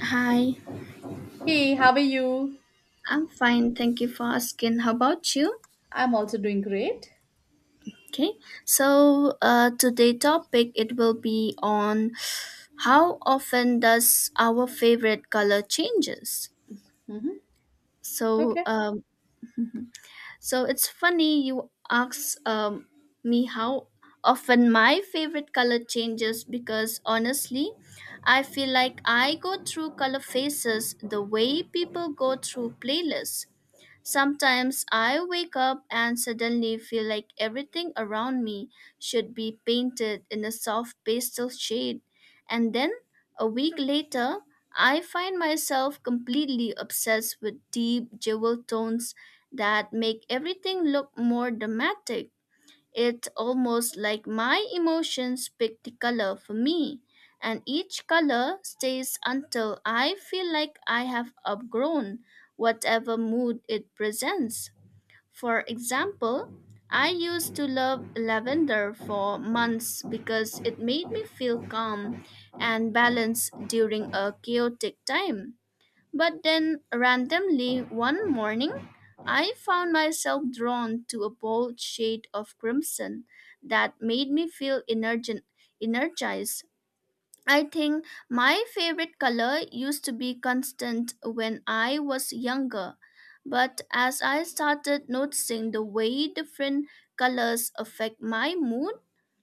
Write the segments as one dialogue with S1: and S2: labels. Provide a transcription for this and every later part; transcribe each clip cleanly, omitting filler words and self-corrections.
S1: Hi,
S2: Hey, how are you?
S1: I'm fine. Thank you for asking. How about you?
S2: I'm also doing great.
S1: Okay, so today topic it will be on how often does our favorite color changes.
S2: hmm
S1: So
S2: Okay.
S1: um, so it's funny you ask me how often my favorite color changes because honestly, I feel like I go through color phases the way people go through playlists. Sometimes I wake up and suddenly feel like everything around me should be painted in a soft pastel shade, and then a week later, I find myself completely obsessed with deep jewel tones that make everything look more dramatic. It's almost like my emotions pick the color for me, and each color stays until I feel like I have outgrown whatever mood it presents. For example, I used to love lavender for months because it made me feel calm and balanced during a chaotic time. But then, randomly, one morning, I found myself drawn to a bold shade of crimson that made me feel energized. I think my favorite color used to be constant when I was younger, but as I started noticing the way different colors affect my mood,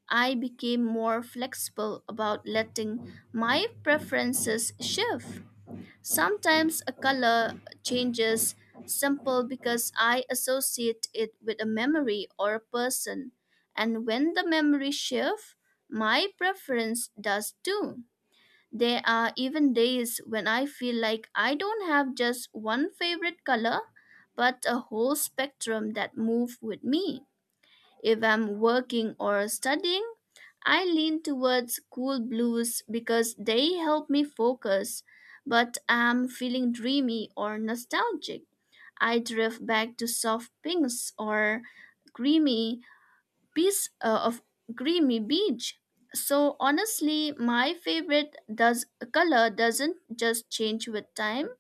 S1: I became more flexible about letting my preferences shift. Sometimes a color changes simple because I associate it with a memory or a person, and when the memory shifts, my preference does too. There are even days when I feel like I don't have just one favorite color, but a whole spectrum that move with me. If I'm working or studying, I lean towards cool blues because they help me focus. But I'm feeling dreamy or nostalgic. I drift back to soft pinks or creamy piece of creamy beach. So honestly, my favorite does color doesn't just change with time.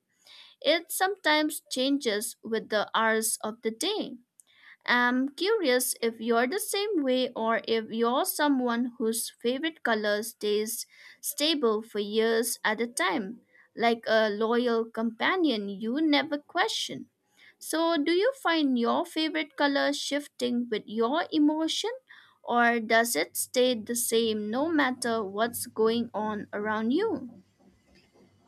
S1: It sometimes changes with the hours of the day. I'm curious if you're the same way or if you're someone whose favorite color stays stable for years at a time, like a loyal companion you never question. So, do you find your favorite color shifting with your emotion, or does it stay the same no matter what's going on around you?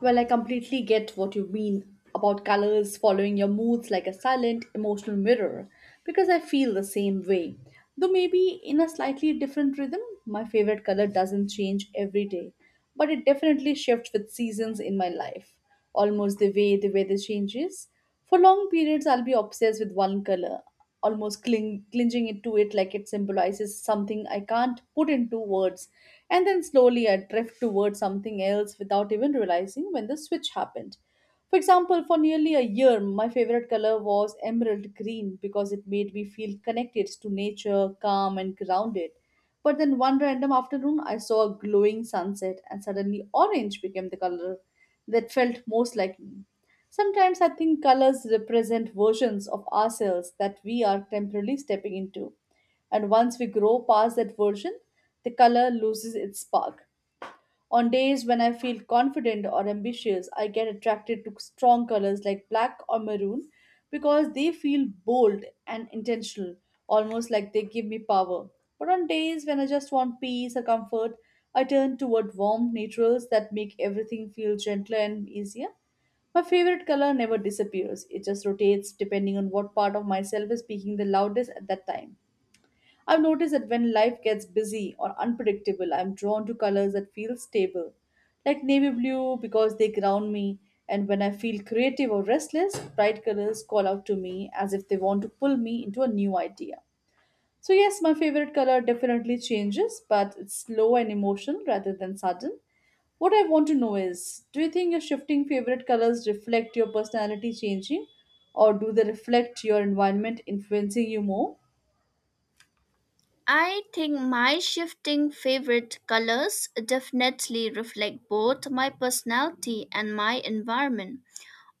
S2: Well, I completely get what you mean about colors following your moods like a silent emotional mirror because I feel the same way. Though maybe in a slightly different rhythm, my favorite color doesn't change every day, but it definitely shifts with seasons in my life, almost the way the weather changes. For long periods, I'll be obsessed with one color almost clinging it to it like it symbolizes something I can't put into words. And then slowly I drift towards something else without even realizing when the switch happened. For example, for nearly a year, my favorite color was emerald green because it made me feel connected to nature, calm, and grounded. But then one random afternoon, I saw a glowing sunset, and suddenly orange became the color that felt most like me. Sometimes I think colors represent versions of ourselves that we are temporarily stepping into. And once we grow past that version, the color loses its spark. On days when I feel confident or ambitious, I get attracted to strong colors like black or maroon because they feel bold and intentional, almost like they give me power. But on days when I just want peace or comfort, I turn toward warm neutrals that make everything feel gentler and easier. My favorite color never disappears, it just rotates depending on what part of myself is speaking the loudest at that time. I've noticed that when life gets busy or unpredictable, I'm drawn to colors that feel stable, like navy blue because they ground me, and when I feel creative or restless, bright colors call out to me as if they want to pull me into a new idea. So, yes, my favorite color definitely changes, but it's slow and emotional rather than sudden. What I want to know is do you think your shifting favorite colors reflect your personality changing, or do they reflect your environment influencing you more?
S1: I think my shifting favorite colors definitely reflect both my personality and my environment,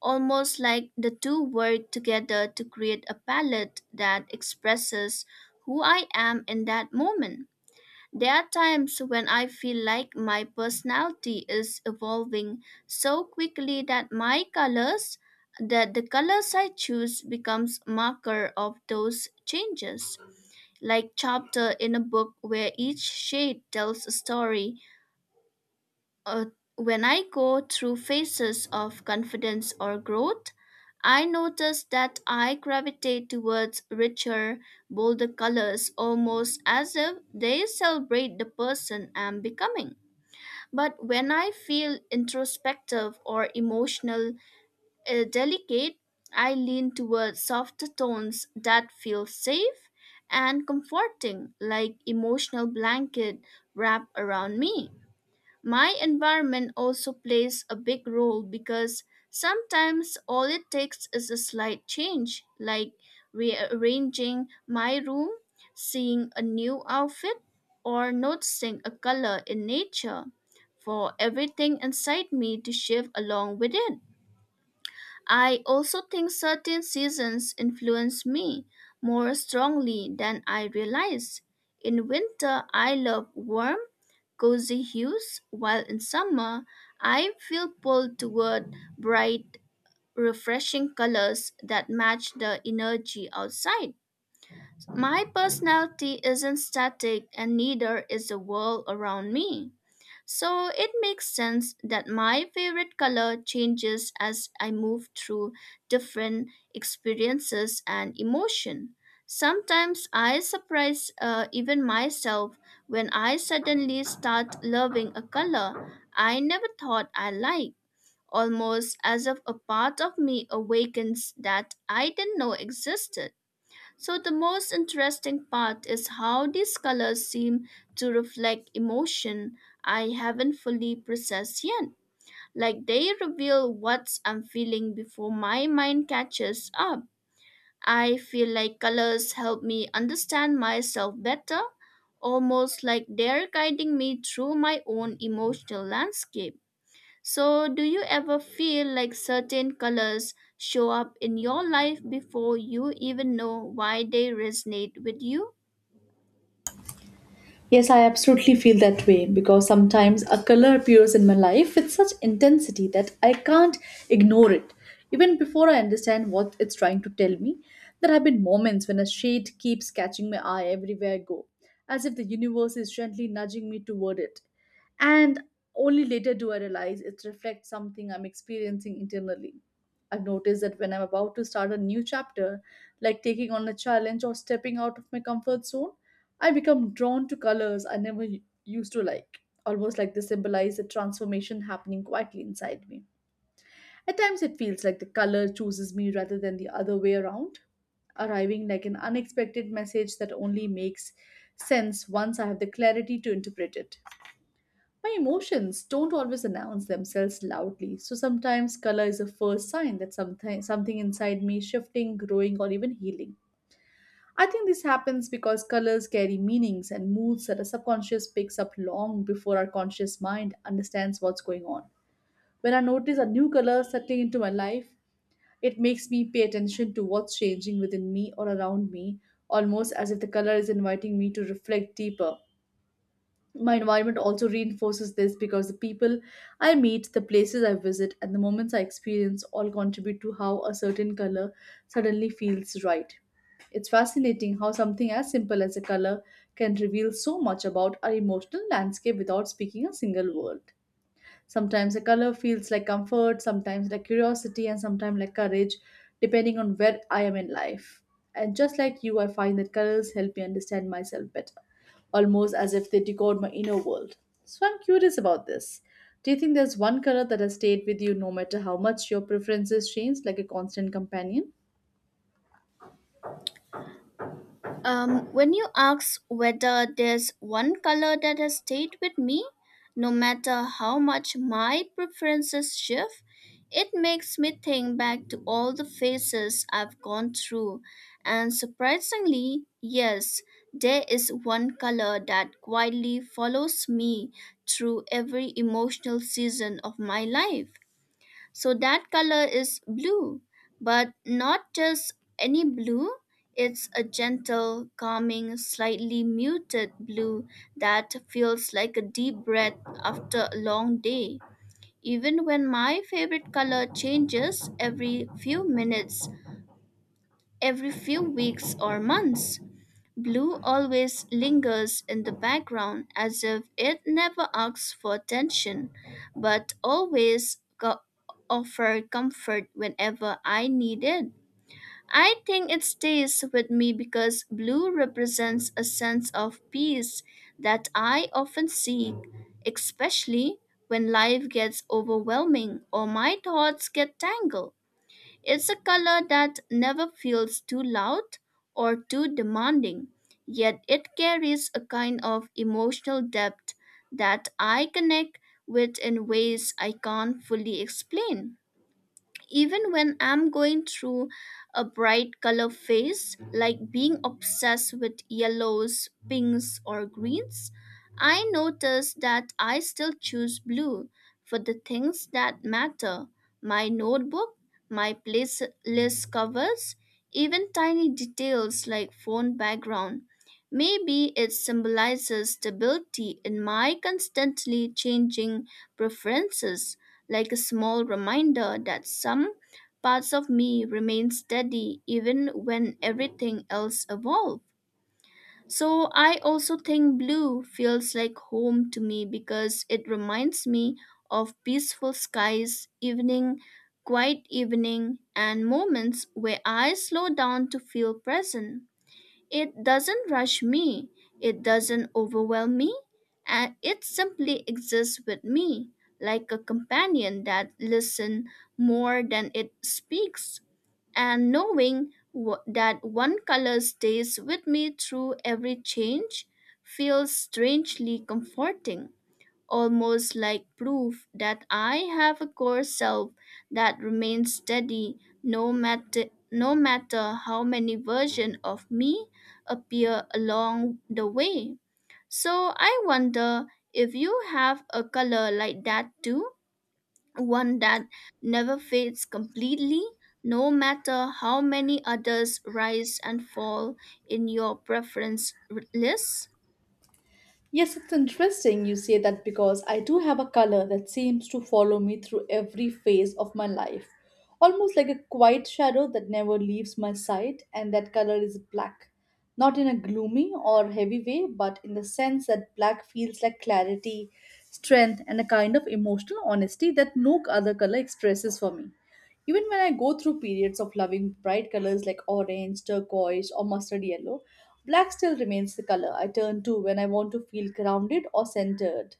S1: almost like the two work together to create a palette that expresses who I am in that moment. There are times when I feel like my personality is evolving so quickly that my colors that the colors I choose becomes marker of those changes, like chapter in a book where each shade tells a story. Uh, when I go through phases of confidence or growth, I notice that I gravitate towards richer, bolder colors almost as if they celebrate the person I'm becoming. But when I feel introspective or emotional, delicate, I lean towards softer tones that feel safe and comforting, like emotional blanket wrap around me. My environment also plays a big role because sometimes all it takes is a slight change, like rearranging my room, seeing a new outfit, or noticing a color in nature, for everything inside me to shift along with it. I also think certain seasons influence me more strongly than I realize. In winter, I love warm, cozy hues, while in summer, I feel pulled toward bright, refreshing colors that match the energy outside. My personality isn't static, and neither is the world around me. So it makes sense that my favorite color changes as I move through different experiences and emotion. Sometimes I surprise even myself when I suddenly start loving a color I never thought I liked, almost as if a part of me awakens that I didn't know existed. So, the most interesting part is how these colors seem to reflect emotion I haven't fully processed yet, like they reveal what I'm feeling before my mind catches up. I feel like colors help me understand myself better, almost like they're guiding me through my own emotional landscape. So, do you ever feel like certain colors show up in your life before you even know why they resonate with you?
S2: Yes, I absolutely feel that way because sometimes a color appears in my life with such intensity that I can't ignore it. Even before I understand what it's trying to tell me, there have been moments when a shade keeps catching my eye everywhere I go, as if the universe is gently nudging me toward it. And only later do I realize it reflects something I'm experiencing internally. I've noticed that when I'm about to start a new chapter, like taking on a challenge or stepping out of my comfort zone, I become drawn to colors I never used to like, almost like they symbolize a transformation happening quietly inside me. At times, it feels like the color chooses me rather than the other way around, arriving like an unexpected message that only makes sense once I have the clarity to interpret it. My emotions don't always announce themselves loudly, so sometimes color is a first sign that something inside me is shifting, growing, or even healing. I think this happens because colors carry meanings and moods that our subconscious picks up long before our conscious mind understands what's going on. When I notice a new color settling into my life, it makes me pay attention to what's changing within me or around me, almost as if the color is inviting me to reflect deeper. My environment also reinforces this because the people I meet, the places I visit, and the moments I experience all contribute to how a certain color suddenly feels right. It's fascinating how something as simple as a color can reveal so much about our emotional landscape without speaking a single word. Sometimes a color feels like comfort, sometimes like curiosity, and sometimes like courage, depending on where I am in life. And just like you, I find that colors help me understand myself better almost as if they decode my inner world. So I'm curious about this. Do you think there's one color that has stayed with you no matter how much your preferences change, like a constant companion?
S1: When you ask whether there's one color that has stayed with me, no matter how much my preferences shift, it makes me think back to all the phases I've gone through. And surprisingly, yes, there is one color that quietly follows me through every emotional season of my life. So that color is blue, but not just any blue. It's a gentle, calming, slightly muted blue that feels like a deep breath after a long day. Even when my favorite color changes every few minutes, every few weeks or months, blue always lingers in the background as if it never asks for attention, but always offer comfort whenever I need it. I think it stays with me because blue represents a sense of peace that I often seek, especially when life gets overwhelming or my thoughts get tangled. It's a color that never feels too loud or too demanding, yet it carries a kind of emotional depth that I connect with in ways I can't fully explain. Even when I'm going through a bright color phase, like being obsessed with yellows, pinks, or greens, I notice that I still choose blue for the things that matter, my notebook, my playlist covers, even tiny details like phone background. Maybe it symbolizes stability in my constantly changing preferences, like a small reminder that some parts of me remain steady even when everything else evolves. So I also think blue feels like home to me because it reminds me of peaceful skies, evening, quiet evening, and moments where I slow down to feel present. It doesn't rush me, it doesn't overwhelm me, and it simply exists with me, like a companion that listens more than it speaks. And knowing that one color stays with me through every change feels strangely comforting, almost like proof that I have a core self that remains steady, no matter no matter how many versions of me appear along the way. So I wonder if you have a color like that too, one that never fades completely, no matter how many others rise and fall in your preference list.
S2: Yes, it's interesting you say that because I do have a color that seems to follow me through every phase of my life, almost like a quiet shadow that never leaves my sight, and that color is black. Not in a gloomy or heavy way, but in the sense that black feels like clarity, strength, and a kind of emotional honesty that no other color expresses for me. Even when I go through periods of loving bright colors like orange, turquoise, or mustard yellow, black still remains the color I turn to when I want to feel grounded or centered.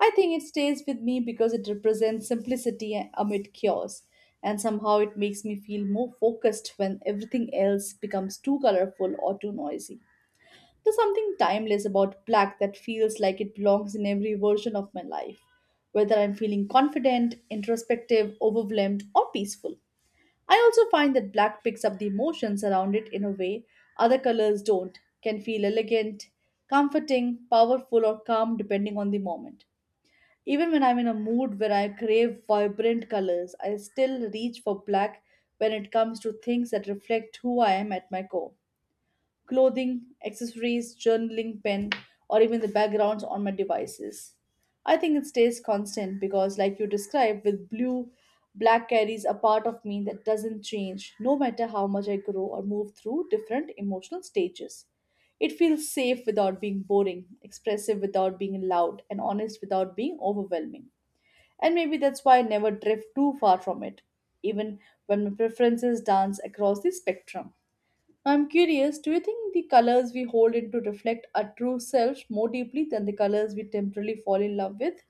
S2: I think it stays with me because it represents simplicity amid chaos, and somehow it makes me feel more focused when everything else becomes too colorful or too noisy. There's something timeless about black that feels like it belongs in every version of my life, whether I'm feeling confident, introspective, overwhelmed, or peaceful. I also find that black picks up the emotions around it in a way other colors don't, can feel elegant, comforting, powerful, or calm depending on the moment. Even when I'm in a mood where I crave vibrant colors, I still reach for black when it comes to things that reflect who I am at my core clothing, accessories, journaling, pen, or even the backgrounds on my devices. I think it stays constant because, like you described, with blue, black carries a part of me that doesn't change no matter how much I grow or move through different emotional stages. It feels safe without being boring, expressive without being loud, and honest without being overwhelming. And maybe that's why I never drift too far from it, even when my preferences dance across the spectrum. I'm curious, do you think the colors we hold into reflect our true selves more deeply than the colors we temporarily fall in love with?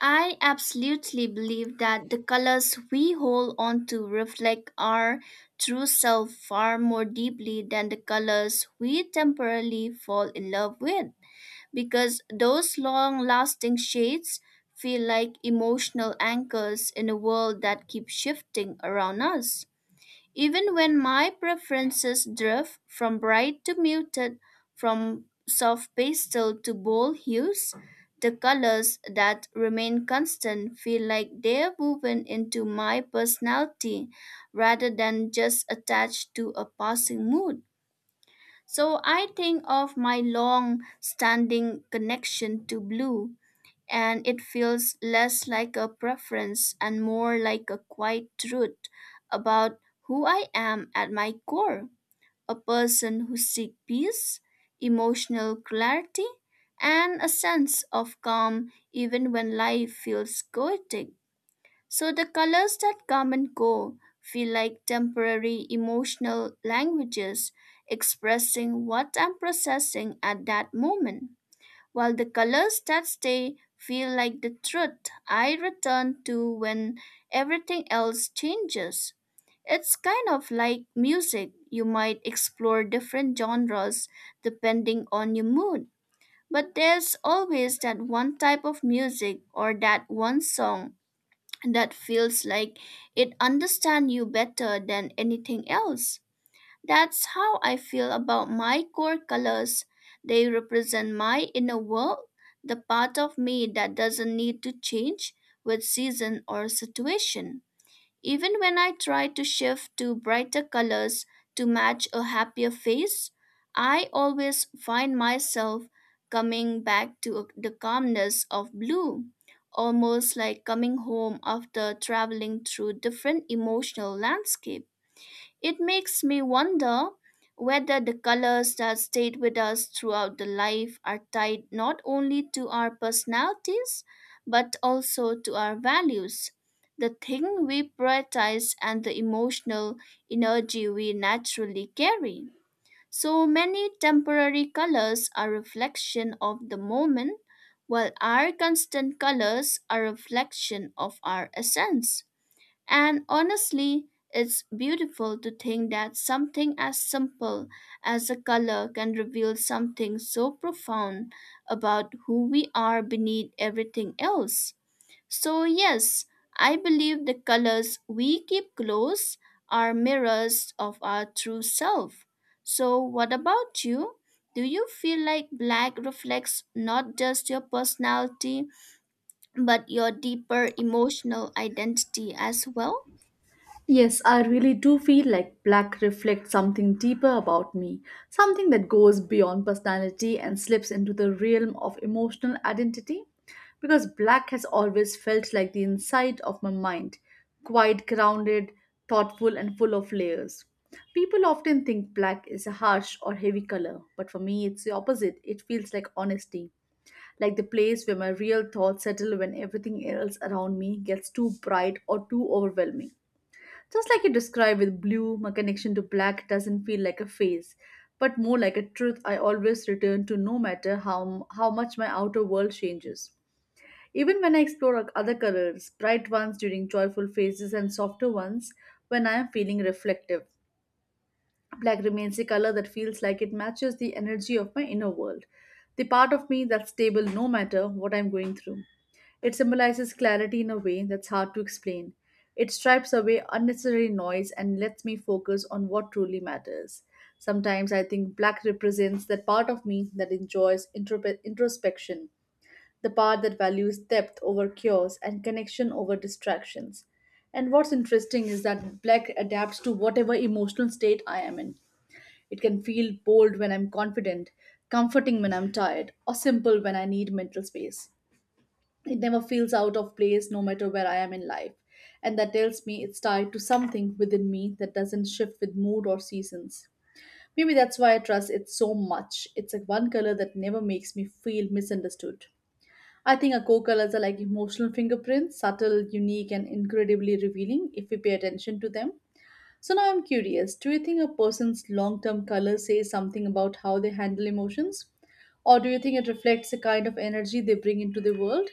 S1: I absolutely believe that the colors we hold on to reflect our true self far more deeply than the colors we temporarily fall in love with, because those long lasting shades feel like emotional anchors in a world that keeps shifting around us. Even when my preferences drift from bright to muted, from soft pastel to bold hues, the colors that remain constant feel like they're woven into my personality rather than just attached to a passing mood. So I think of my long standing connection to blue, and it feels less like a preference and more like a quiet truth about who I am at my core, a person who seeks peace, emotional clarity, and a sense of calm even when life feels chaotic. So the colors that come and go feel like temporary emotional languages, expressing what I'm processing at that moment, while the colors that stay feel like the truth I return to when everything else changes. It's kind of like music. You might explore different genres depending on your mood, but there's always that one type of music or that one song that feels like it understands you better than anything else. That's how I feel about my core colors. They represent my inner world, the part of me that doesn't need to change with season or situation. Even when I try to shift to brighter colors to match a happier face, I always find myself coming back to the calmness of blue, almost like coming home after traveling through different emotional landscapes. It makes me wonder whether the colors that stayed with us throughout the life are tied not only to our personalities but also to our values, the thing we prioritize, and the emotional energy we naturally carry. So many temporary colors are reflection of the moment, while our constant colors are reflection of our essence. And honestly, it's beautiful to think that something as simple as a color can reveal something so profound about who we are beneath everything else. So, yes, I believe the colors we keep close are mirrors of our true self. So, what about you? Do you feel like black reflects not just your personality but your deeper emotional identity as well?
S2: Yes, I really do feel like black reflects something deeper about me, something that goes beyond personality and slips into the realm of emotional identity. Because black has always felt like the inside of my mind, quite grounded, thoughtful, and full of layers. People often think black is a harsh or heavy color, but for me it's the opposite. It feels like honesty, like the place where my real thoughts settle when everything else around me gets too bright or too overwhelming. Just like you described with blue, my connection to black doesn't feel like a phase, but more like a truth I always return to no matter how much my outer world changes. Even when I explore other colors, bright ones during joyful phases and softer ones when I am feeling reflective, black remains a color that feels like it matches the energy of my inner world, the part of me that's stable no matter what I'm going through. It symbolizes clarity in a way that's hard to explain. It stripes away unnecessary noise and lets me focus on what truly matters. Sometimes I think black represents that part of me that enjoys introspection, the part that values depth over cures and connection over distractions. And what's interesting is that black adapts to whatever emotional state I am in. It can feel bold when I'm confident, comforting when I'm tired, or simple when I need mental space. It never feels out of place no matter where I am in life. And that tells me it's tied to something within me that doesn't shift with mood or seasons. Maybe that's why I trust it so much. It's a one color that never makes me feel misunderstood. I think our core colors are like emotional fingerprints, subtle, unique, and incredibly revealing if we pay attention to them. So now I'm curious do you think a person's long term color says something about how they handle emotions? Or do you think it reflects the kind of energy they bring into the world?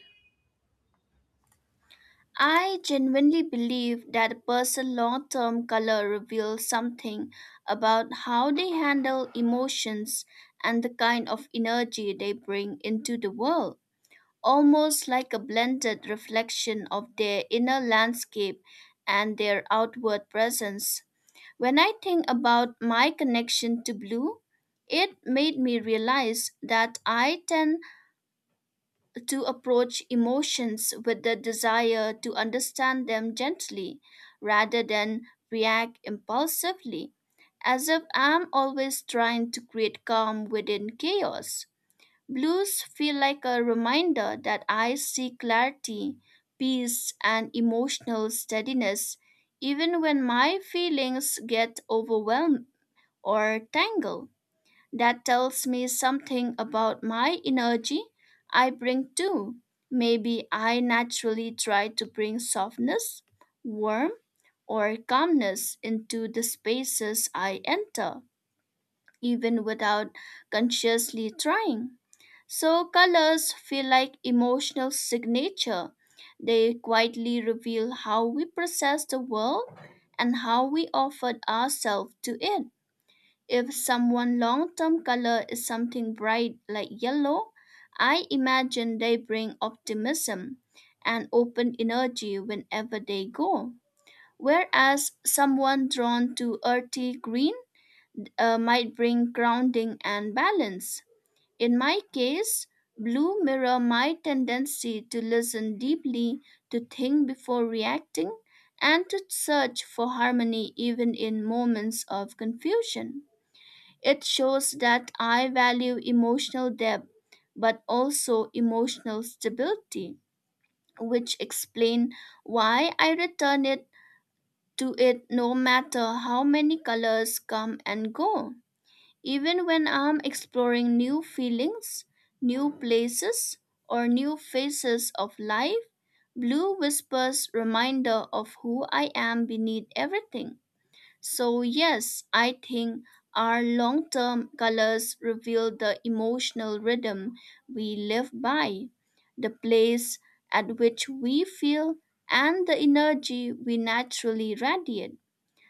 S1: I genuinely believe that a person's long term color reveals something about how they handle emotions and the kind of energy they bring into the world, almost like a blended reflection of their inner landscape and their outward presence. When I think about my connection to blue, it made me realize that I tend to approach emotions with the desire to understand them gently rather than react impulsively, as if I'm always trying to create calm within chaos. Blues feel like a reminder that I seek clarity, peace, and emotional steadiness even when my feelings get overwhelmed or tangled. That tells me something about my energy I bring too. Maybe I naturally try to bring softness, warmth, or calmness into the spaces I enter, even without consciously trying. So, colors feel like emotional signature. They quietly reveal how we process the world and how we offer ourselves to it. If someone long-term color is something bright like yellow, I imagine they bring optimism and open energy whenever they go. Whereas someone drawn to earthy green might bring grounding and balance. In my case, blue mirror my tendency to listen deeply, to think before reacting, and to search for harmony even in moments of confusion. It shows that I value emotional depth, but also emotional stability, which explain why I return it to it no matter how many colors come and go. Even when I'm exploring new feelings, new places, or new phases of life, blue whispers reminder of who I am beneath everything. So, yes, I think our long term colors reveal the emotional rhythm we live by, the place at which we feel, and the energy we naturally radiate.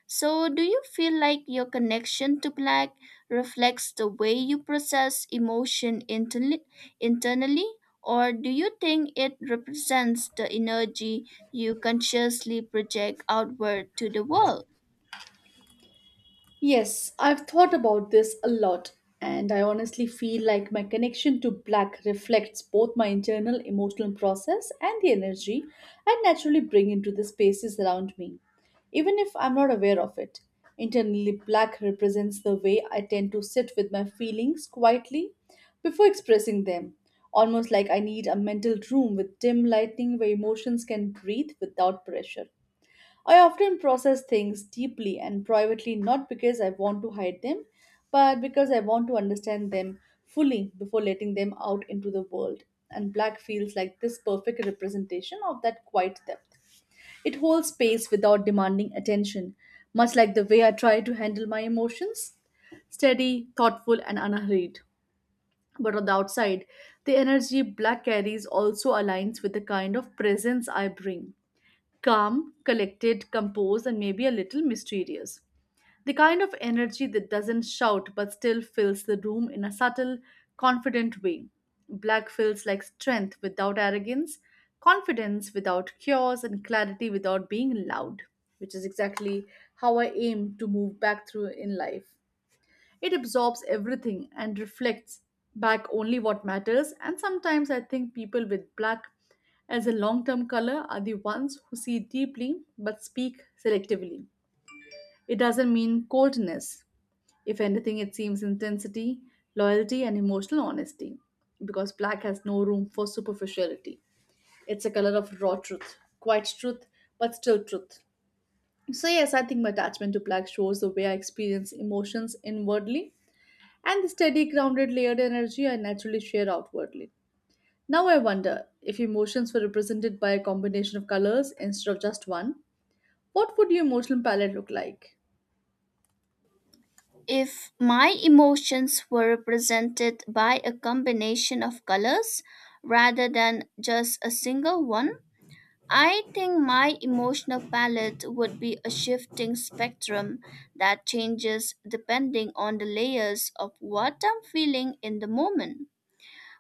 S1: So, do you feel like your connection to black reflects the way you process emotion internally, internally, or do you think it represents the energy you consciously project outward to the world?
S2: Yes, I've thought about this a lot, and I honestly feel like my connection to black reflects both my internal emotional process and the energy I naturally bring into the spaces around me, even if I'm not aware of it. Internally, black represents the way I tend to sit with my feelings quietly before expressing them, almost like I need a mental room with dim lighting where emotions can breathe without pressure. I often process things deeply and privately not because I want to hide them, but because I want to understand them fully before letting them out into the world. And black feels like this perfect representation of that quiet depth. It holds space without demanding attention, much like the way I try to handle my emotions steady, thoughtful, and unhurried. But on the outside, the energy black carries also aligns with the kind of presence I bring calm, collected, composed, and maybe a little mysterious. The kind of energy that doesn't shout but still fills the room in a subtle, confident way. Black feels like strength without arrogance, confidence without chaos, and clarity without being loud, which is exactly how I aim to move back through in life. It absorbs everything and reflects back only what matters. And sometimes I think people with black as a long term color are the ones who see deeply but speak selectively. It doesn't mean coldness. If anything, it seems intensity, loyalty, and emotional honesty because black has no room for superficiality. It's a color of raw truth, quiet truth, but still truth. So, yes, I think my attachment to black shows the way I experience emotions inwardly and the steady, grounded, layered energy I naturally share outwardly. Now I wonder if emotions were represented by a combination of colors instead of just one, what would your emotional palette look like?
S1: If my emotions were represented by a combination of colors rather than just a single one, I think my emotional palette would be a shifting spectrum that changes depending on the layers of what I'm feeling in the moment.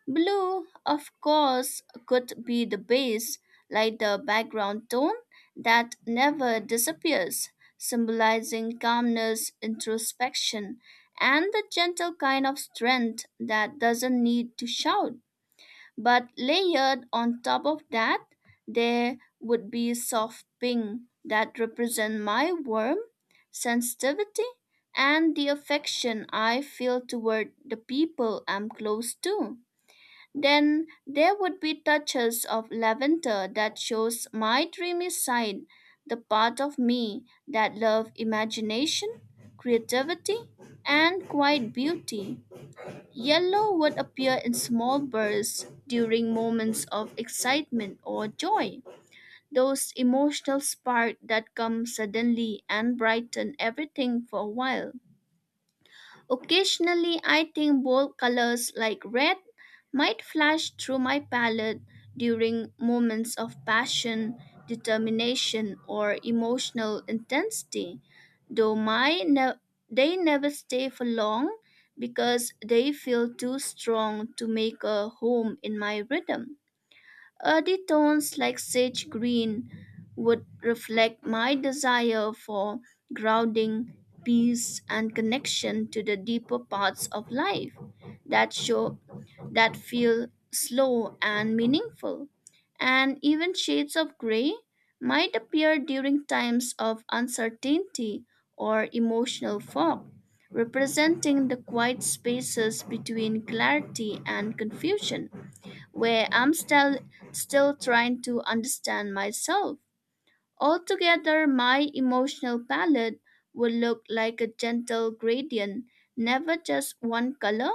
S1: Blue, of course, could be the base, like the background tone that never disappears, symbolizing calmness, introspection, and the gentle kind of strength that doesn't need to shout. But layered on top of that, there would be soft pink that represent my warm sensitivity and the affection I feel toward the people I'm close to. Then there would be touches of lavender that shows my dreamy side, the part of me that love imagination, creativity, and quiet beauty. Yellow would appear in small bursts during moments of excitement or joy, those emotional spark that come suddenly and brighten everything for a while. Occasionally, I think bold colors like red might flash through my palette during moments of passion, determination, or emotional intensity, though they never stay for long because they feel too strong to make a home in my rhythm. Earthy tones like sage green would reflect my desire for grounding, peace, and connection to the deeper parts of life that show that feel slow and meaningful. And even shades of gray might appear during times of uncertainty or emotional fog, representing the quiet spaces between clarity and confusion where I'm still trying to understand myself. Altogether, my emotional palette would look like a gentle gradient, never just one color,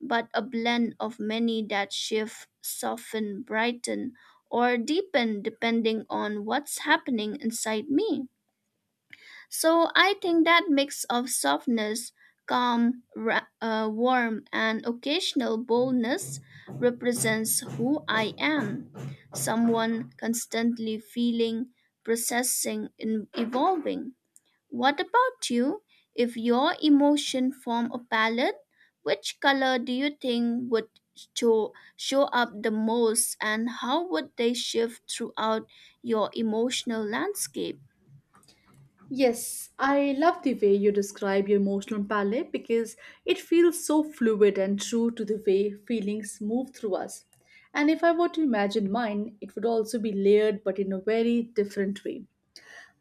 S1: but a blend of many that shift, soften, brighten, or deepen depending on what's happening inside me. So I think that mix of softness, calm, warm, and occasional boldness represents who I am. Someone constantly feeling, processing, and evolving. What about you? If your emotion form a palette, which color do you think would show up the most and how would they shift throughout your emotional landscape?
S2: Yes, I love the way you describe your emotional palette because it feels so fluid and true to the way feelings move through us. And if I were to imagine mine, it would also be layered but in a very different way.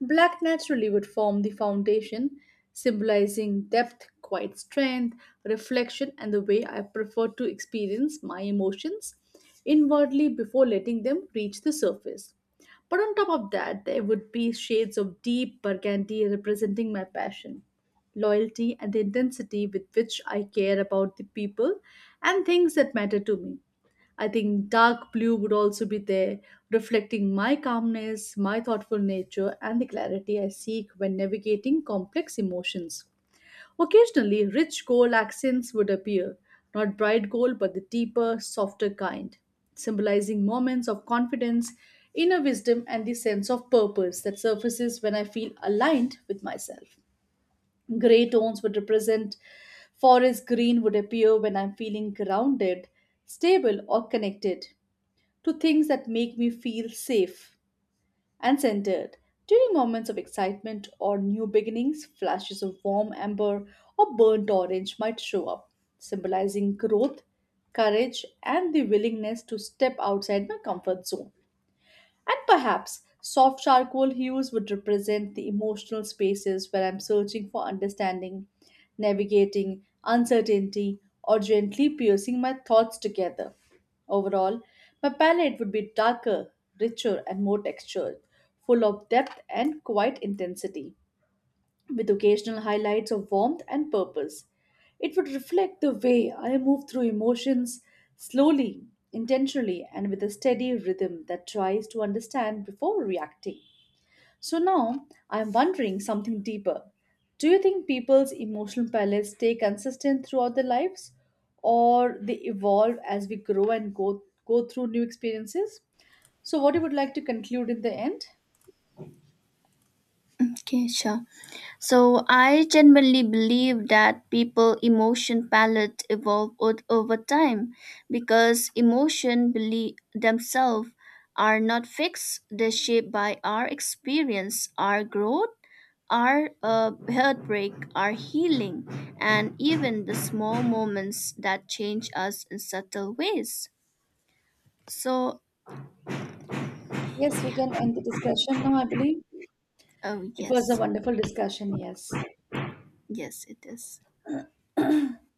S2: Black naturally would form the foundation, symbolizing depth, quiet strength, reflection, and the way I prefer to experience my emotions inwardly before letting them reach the surface. But on top of that, there would be shades of deep burgundy representing my passion, loyalty, and the intensity with which I care about the people and things that matter to me. I think dark blue would also be there, reflecting my calmness, my thoughtful nature, and the clarity I seek when navigating complex emotions. Occasionally, rich gold accents would appear, not bright gold, but the deeper, softer kind, symbolizing moments of confidence, inner wisdom, and the sense of purpose that surfaces when I feel aligned with myself. Gray tones would represent forest green would appear when I'm feeling grounded, stable, or connected, to things that make me feel safe and centered. During moments of excitement or new beginnings, flashes of warm amber or burnt orange might show up, symbolizing growth, courage, and the willingness to step outside my comfort zone. And perhaps soft charcoal hues would represent the emotional spaces where I'm searching for understanding, navigating uncertainty, or gently piercing my thoughts together. Overall, my palette would be darker, richer, and more textured, full of depth and quiet intensity with occasional highlights of warmth and purpose. It would reflect the way I move through emotions slowly, intentionally, and with a steady rhythm that tries to understand before reacting. So now I'm wondering something deeper. Do you think people's emotional palettes stay consistent throughout their lives or they evolve as we grow and go through new experiences? So, what you would like to conclude in the end?
S1: Okay, sure. So I genuinely believe that people emotion palette evolve over time because themselves are not fixed. They're shaped by our experience, our growth, our heartbreak, our healing, and even the small moments that change us in subtle ways. So,
S2: Yes, we can end the discussion now, I believe.
S1: oh
S2: It was a
S1: yes,
S2: wonderful discussion, yes.
S1: yes it is.